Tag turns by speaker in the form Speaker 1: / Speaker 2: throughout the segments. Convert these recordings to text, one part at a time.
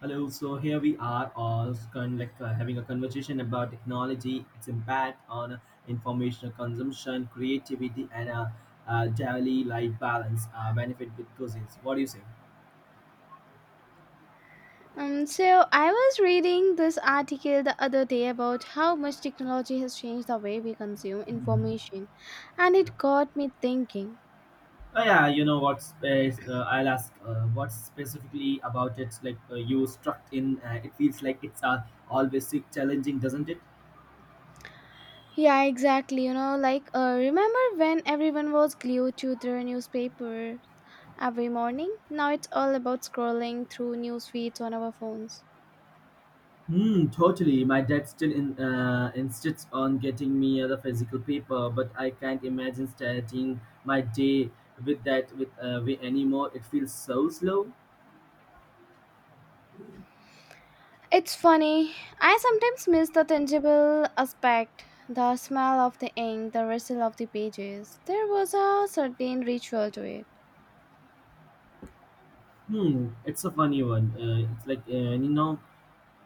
Speaker 1: Hello, so here we are all having a conversation about technology, its impact on information consumption, creativity, and daily life balance, benefit with cousins. What do you say?
Speaker 2: So I was reading this article the other day about how much technology has changed the way we consume
Speaker 1: Mhm.
Speaker 2: information, and
Speaker 1: Yeah.
Speaker 2: it got me thinking.
Speaker 1: Oh yeah, you know what's I'll ask what's specifically about it. You struck in. It feels like it's always challenging, doesn't it?
Speaker 2: Yeah, exactly. You know, remember when everyone was glued to their newspaper every morning? Now it's all about scrolling through news feeds on our phones.
Speaker 1: Hmm, totally. My dad still insists on getting me the physical paper, but I can't imagine starting my day with that with way anymore. It feels so slow.
Speaker 2: It's funny. I sometimes miss the tangible aspect, the smell of the ink, the rustle of the pages. There was a certain ritual to it.
Speaker 1: Hmm, it's a funny one. It's like you know,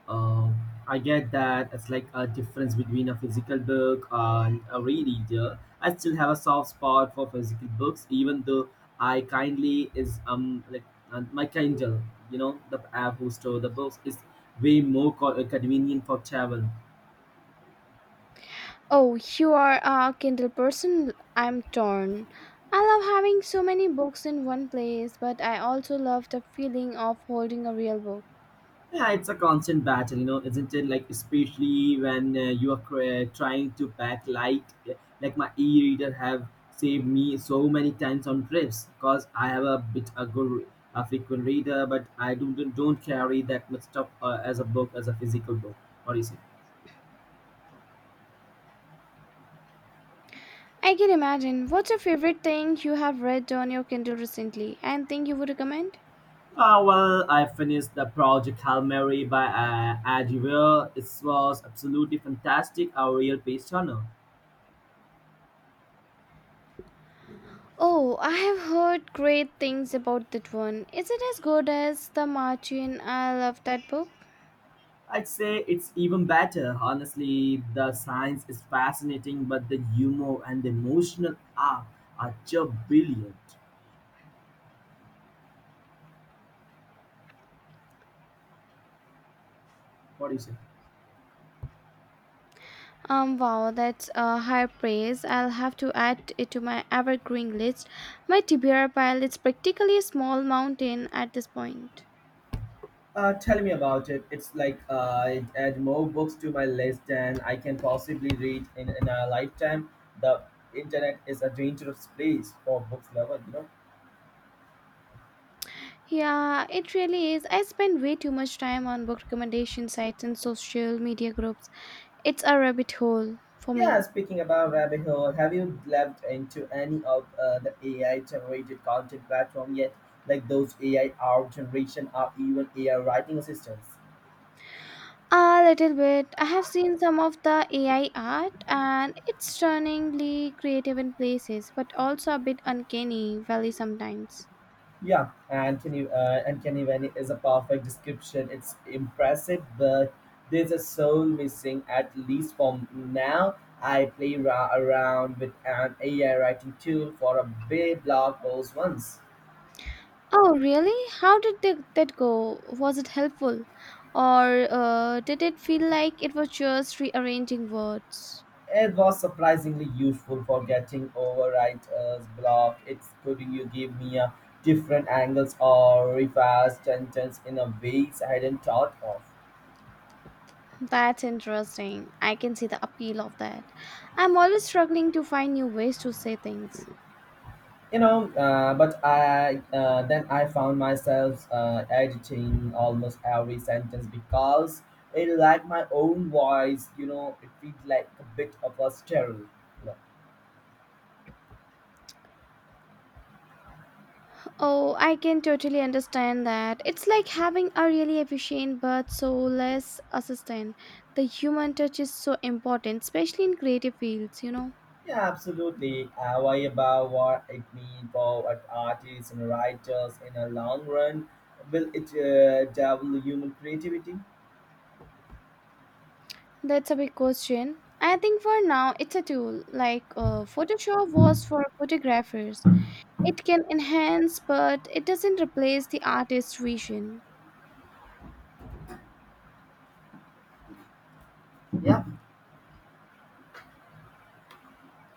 Speaker 1: uh, I get that it's like a difference between a physical book and a e-reader. I still have a soft spot for physical books, even though I kindly is like my Kindle, you know, the app who store the books is way more convenient for travel.
Speaker 2: Oh, you are a Kindle person. I'm torn. I love having so many books in one place, but I also love the feeling of holding a real book.
Speaker 1: Yeah, it's a constant battle, you know, isn't it? Like especially when you are trying to pack light, like my e-reader have saved me so many times on trips because I have a bit a good a frequent reader, but I don't carry that much stuff as a book as a physical book. What do you say?
Speaker 2: I can imagine. What's your favorite thing you have read on your Kindle recently and think you would recommend?
Speaker 1: Well, I finished the project Hail Mary by Adieu. It was absolutely fantastic, a real page turner.
Speaker 2: Oh, I have heard great things about that one. Is it as good as The Martian? I love that book.
Speaker 1: I'd say it's even better. Honestly, the science is fascinating, but the humor and the emotional arc are just brilliant. What do you say?
Speaker 2: Wow, that's a high praise. I'll have to add it to my evergreen list. My Tibera pile is practically a small mountain at this point.
Speaker 1: Tell me about it. It's like it add more books to my list than I can possibly read in a lifetime. The internet is a dangerous place for books lovers, you know.
Speaker 2: Yeah, it really is. I spend way too much time on book recommendation sites and social media groups. It's a rabbit hole for
Speaker 1: Yeah,
Speaker 2: me.
Speaker 1: speaking about rabbit hole, have you delved into any of the AI generated content platform yet? Like those AI art generation or even AI writing assistants?
Speaker 2: A little bit. I have seen some of the AI art and it's stunningly creative in places, but also a bit uncanny valley sometimes.
Speaker 1: Yeah, and can you and can even is a perfect description. It's impressive, but there's a soul missing at least for now. I play around with an AI writing tool for a big blog post once.
Speaker 2: Oh, really? How did that go? Was it helpful? Or did it feel like it was just rearranging words?
Speaker 1: It was surprisingly useful for getting over writer's block. It's could you give me a different angles or revise sentence in a ways I hadn't thought of.
Speaker 2: That's interesting. I can see the appeal of that. I'm always struggling to find new ways to say things.
Speaker 1: You know, but I then I found myself editing almost every sentence because it lacked my own voice. You know, it felt like a bit of a sterile.
Speaker 2: Oh, I can totally understand that. It's like having a really efficient but so less assistant. The human touch is so important, especially in creative fields, you know.
Speaker 1: Yeah, absolutely. I worry about what it means for artists and writers in the long run. Will it double human creativity?
Speaker 2: That's a big question. I think for now it's a tool. Like Photoshop was for photographers. It can enhance, but it doesn't replace the artist's vision.
Speaker 1: Yeah,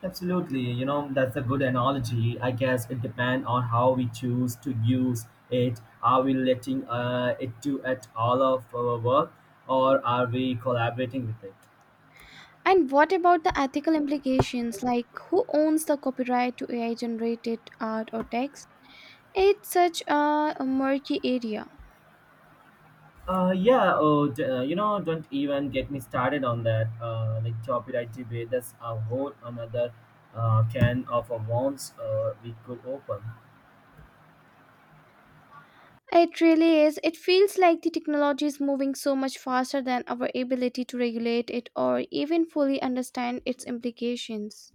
Speaker 1: absolutely. You know, that's a good analogy. I guess it depends on how we choose to use it. Are we letting it do at all of our work or are we collaborating with it?
Speaker 2: And what about the ethical implications? Like who owns the copyright to AI generated art or text? It's such a murky area.
Speaker 1: Don't even get me started on that. Like copyright debate, that's a whole another can of worms we could open.
Speaker 2: It really is. It feels like the technology is moving so much faster than our ability to regulate it or even fully understand its implications.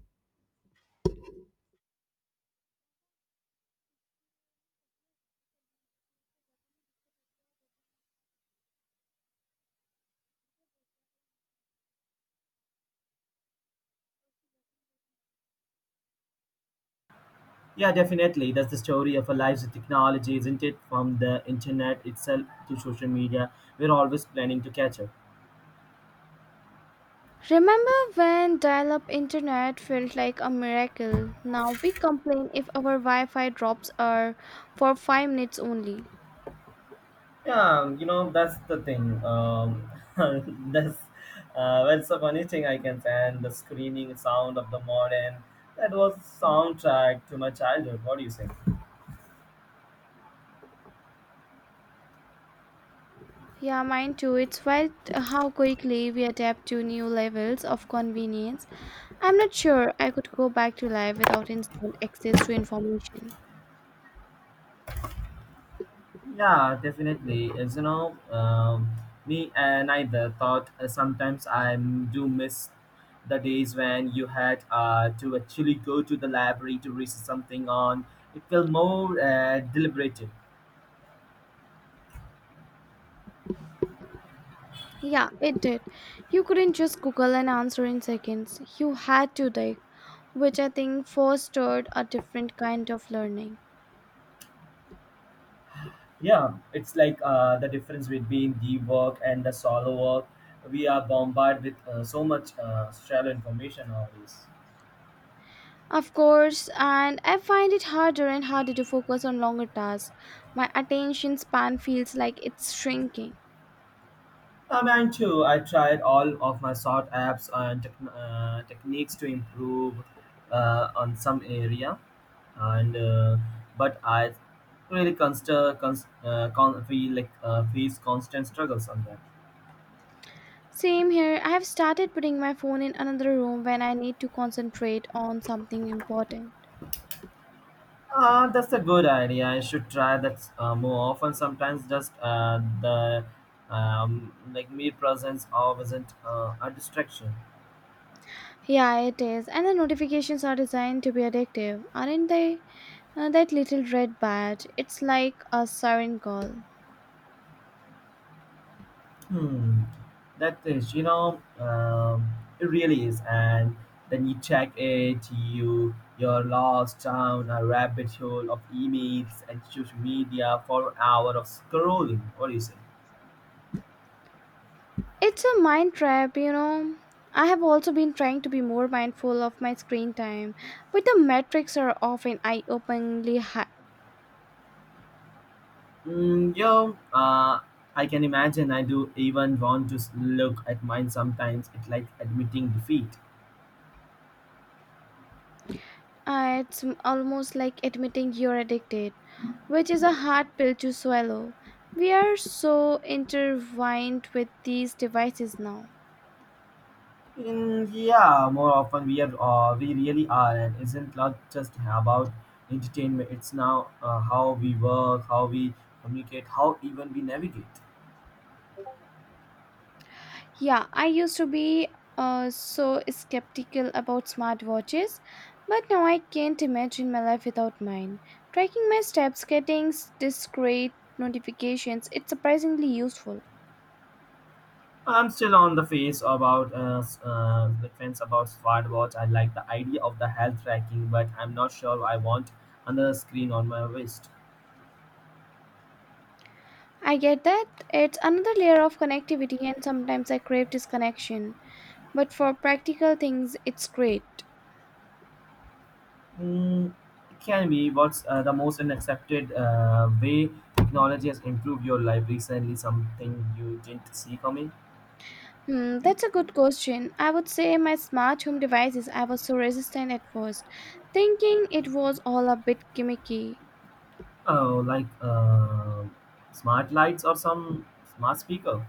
Speaker 1: Yeah, definitely. That's the story of our lives with technology, isn't it? From the internet itself to social media, we're always planning to catch up.
Speaker 2: Remember when dial up internet felt like a miracle? Now we complain if our Wi Fi drops are for 5 minutes only.
Speaker 1: Yeah, you know, that's the thing. That's that's the funny thing I can say. And the screaming sound of the modern, that was soundtrack to my childhood. What do you say?
Speaker 2: Yeah, mine too. It's wild how quickly we adapt to new levels of convenience. I'm not sure I could go back to life without instant access to information.
Speaker 1: Yeah, definitely. As me and I the thought sometimes I do miss the days when you had to actually go to the library to research something on. It felt more deliberative.
Speaker 2: Yeah, it did. You couldn't just Google an answer in seconds, you had to dig, which I think fostered a different kind of learning.
Speaker 1: Yeah, it's like the difference between the work and the solo work. We are bombarded with so much shallow information nowadays.
Speaker 2: Of course, and I find it harder and harder to focus on longer tasks. My attention span feels like it's shrinking.
Speaker 1: Mine too. I tried all of my short apps and techniques to improve on some area, and but I really const- cons- con- feel like face constant struggles on that.
Speaker 2: Same here, I have started putting my phone in another room when I need to concentrate on something important.
Speaker 1: That's a good idea. I should try that more often. Sometimes just the like mere presence or isn't a distraction.
Speaker 2: Yeah, it is. And the notifications are designed to be addictive, aren't they? That little red badge, it's like a siren call.
Speaker 1: Hmm, that is, you know, it really is. And then you check it, you're lost down a rabbit hole of emails and social media for an hour of scrolling. What do you say?
Speaker 2: It's a mind trap, you know. I have also been trying to be more mindful of my screen time, but the metrics are often eye openingly high.
Speaker 1: Mm, yo, uh, I can imagine. I do even want to look at mine sometimes. It's like admitting defeat.
Speaker 2: Almost like admitting you're addicted, which is a hard pill to swallow. We are so intertwined with these devices now.
Speaker 1: Mm, yeah, more often we are, we really are, and isn't not just about entertainment. It's now how we work, how we communicate, how even we navigate.
Speaker 2: Yeah, I used to be so skeptical about smartwatches, but now I can't imagine my life without mine. Tracking my steps, discrete notifications, it's surprisingly useful.
Speaker 1: I'm still on the fence about smartwatch. I like the idea of the health tracking, but I'm not sure I want another screen on my wrist.
Speaker 2: I get that it's another layer of connectivity, and sometimes I crave disconnection. But for practical things, it's great.
Speaker 1: Mm, it can be what's the most unaccepted way technology has improved your life recently. Something you didn't see coming.
Speaker 2: Hmm, that's a good question. I would say my smart home devices, I was so resistant at first, thinking it was all a bit gimmicky.
Speaker 1: Oh, like smart lights or some smart speaker.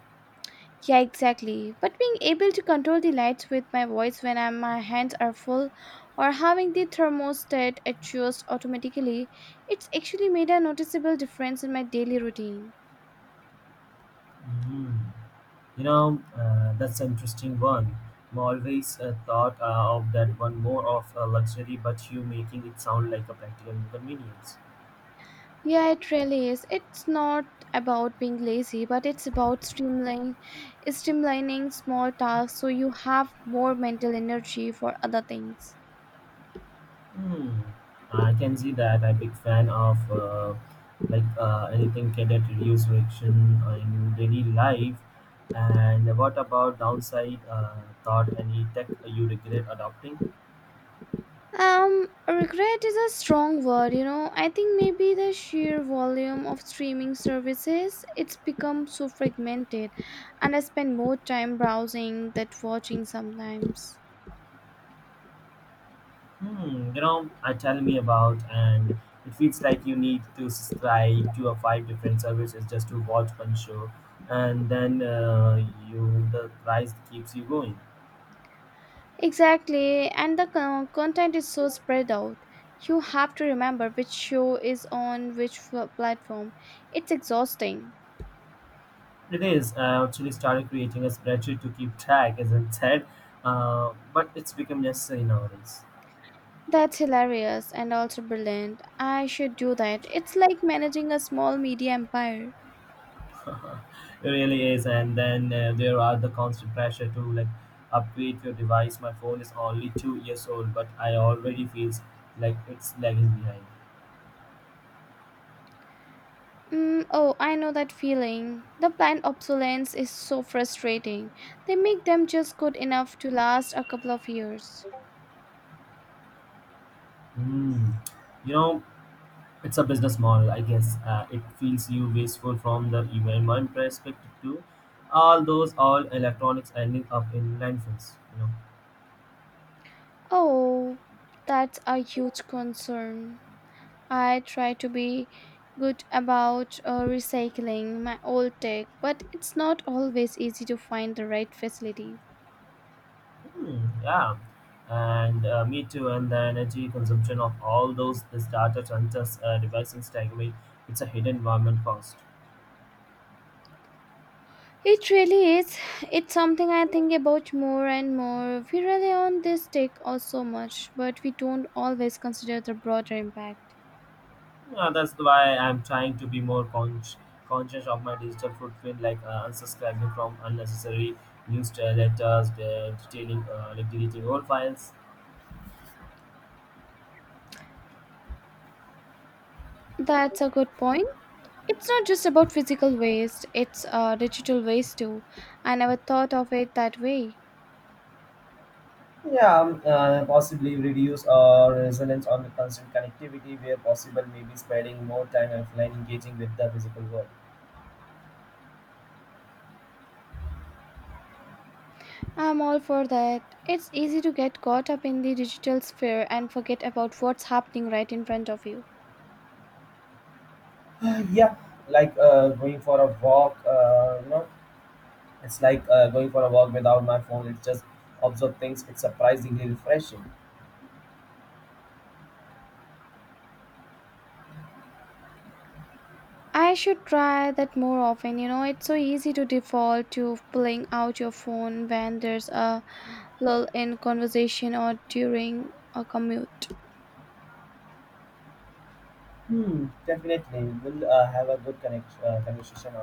Speaker 2: Yeah, exactly. But being able to control the lights with my voice when my hands are full or having the thermostat adjust automatically, it's actually made a noticeable difference in my daily routine.
Speaker 1: Mm. You know, that's an interesting one. I'm always thought of that one more of a luxury, but you making it sound like a practical inconvenience.
Speaker 2: Yeah, it really is. It's not about being lazy, but it's about streamlining small tasks so you have more mental energy for other things.
Speaker 1: Hmm. I can see that. I'm a big fan of anything can that reduce friction in daily life. And what about downside? Thought any tech you regret adopting?
Speaker 2: Regret is a strong word, you know. I think maybe the sheer volume of streaming services, it's become so fragmented, and I spend more time browsing than watching sometimes.
Speaker 1: Hmm, you know, I tell me about, and it feels like you need to subscribe to a five different services just to watch one show, and then you the price keeps you going.
Speaker 2: Exactly, and the content is so spread out. You have to remember which show is on which platform. It's exhausting.
Speaker 1: It is. I actually started creating a spreadsheet to keep track, as I said, but it's become necessary nowadays.
Speaker 2: That's hilarious and also brilliant. I should do that. It's like managing a small media empire.
Speaker 1: it really is, and then there are the constant pressure to like upgrade your device. My phone is only two years old, but I already feels like it's lagging behind.
Speaker 2: Mm, oh, I know that feeling. The planned obsolescence is so frustrating. They make them just good enough to last a couple of years.
Speaker 1: Hmm. You know, it's a business model, I guess. It feels you wasteful from the environment perspective too. All those all electronics ending up in landfills. You know.
Speaker 2: Oh, that's a huge concern. I try to be good about recycling my old tech, but it's not always easy to find the right facilities.
Speaker 1: Hmm, yeah. And me too. And the energy consumption of all those the startups and just devices takeaway. It's a hidden environment cost.
Speaker 2: It really is. It's something I think about more and more. We rely on this tech oh so much, but we don't always consider the broader impact.
Speaker 1: That's why I'm trying to be more conscious of my digital footprint, like unsubscribing from unnecessary newsletters, like deleting old files.
Speaker 2: That's a good point. It's not just about physical waste, it's digital waste too. I never thought of it that way.
Speaker 1: Yeah, possibly reduce our reliance on the constant connectivity where possible, maybe spending more time offline engaging with the physical world.
Speaker 2: I'm all for that. It's easy to get caught up in the digital sphere and forget about what's happening right in front of you.
Speaker 1: Yeah, like going for a walk, you know, it's like going for a walk without my phone. It's just observe things. It's surprisingly refreshing.
Speaker 2: I should try that more often. You know, it's so easy to default to pulling out your phone when there's a lull in conversation or during a commute.
Speaker 1: Hmm, definitely. We'll have a good conversation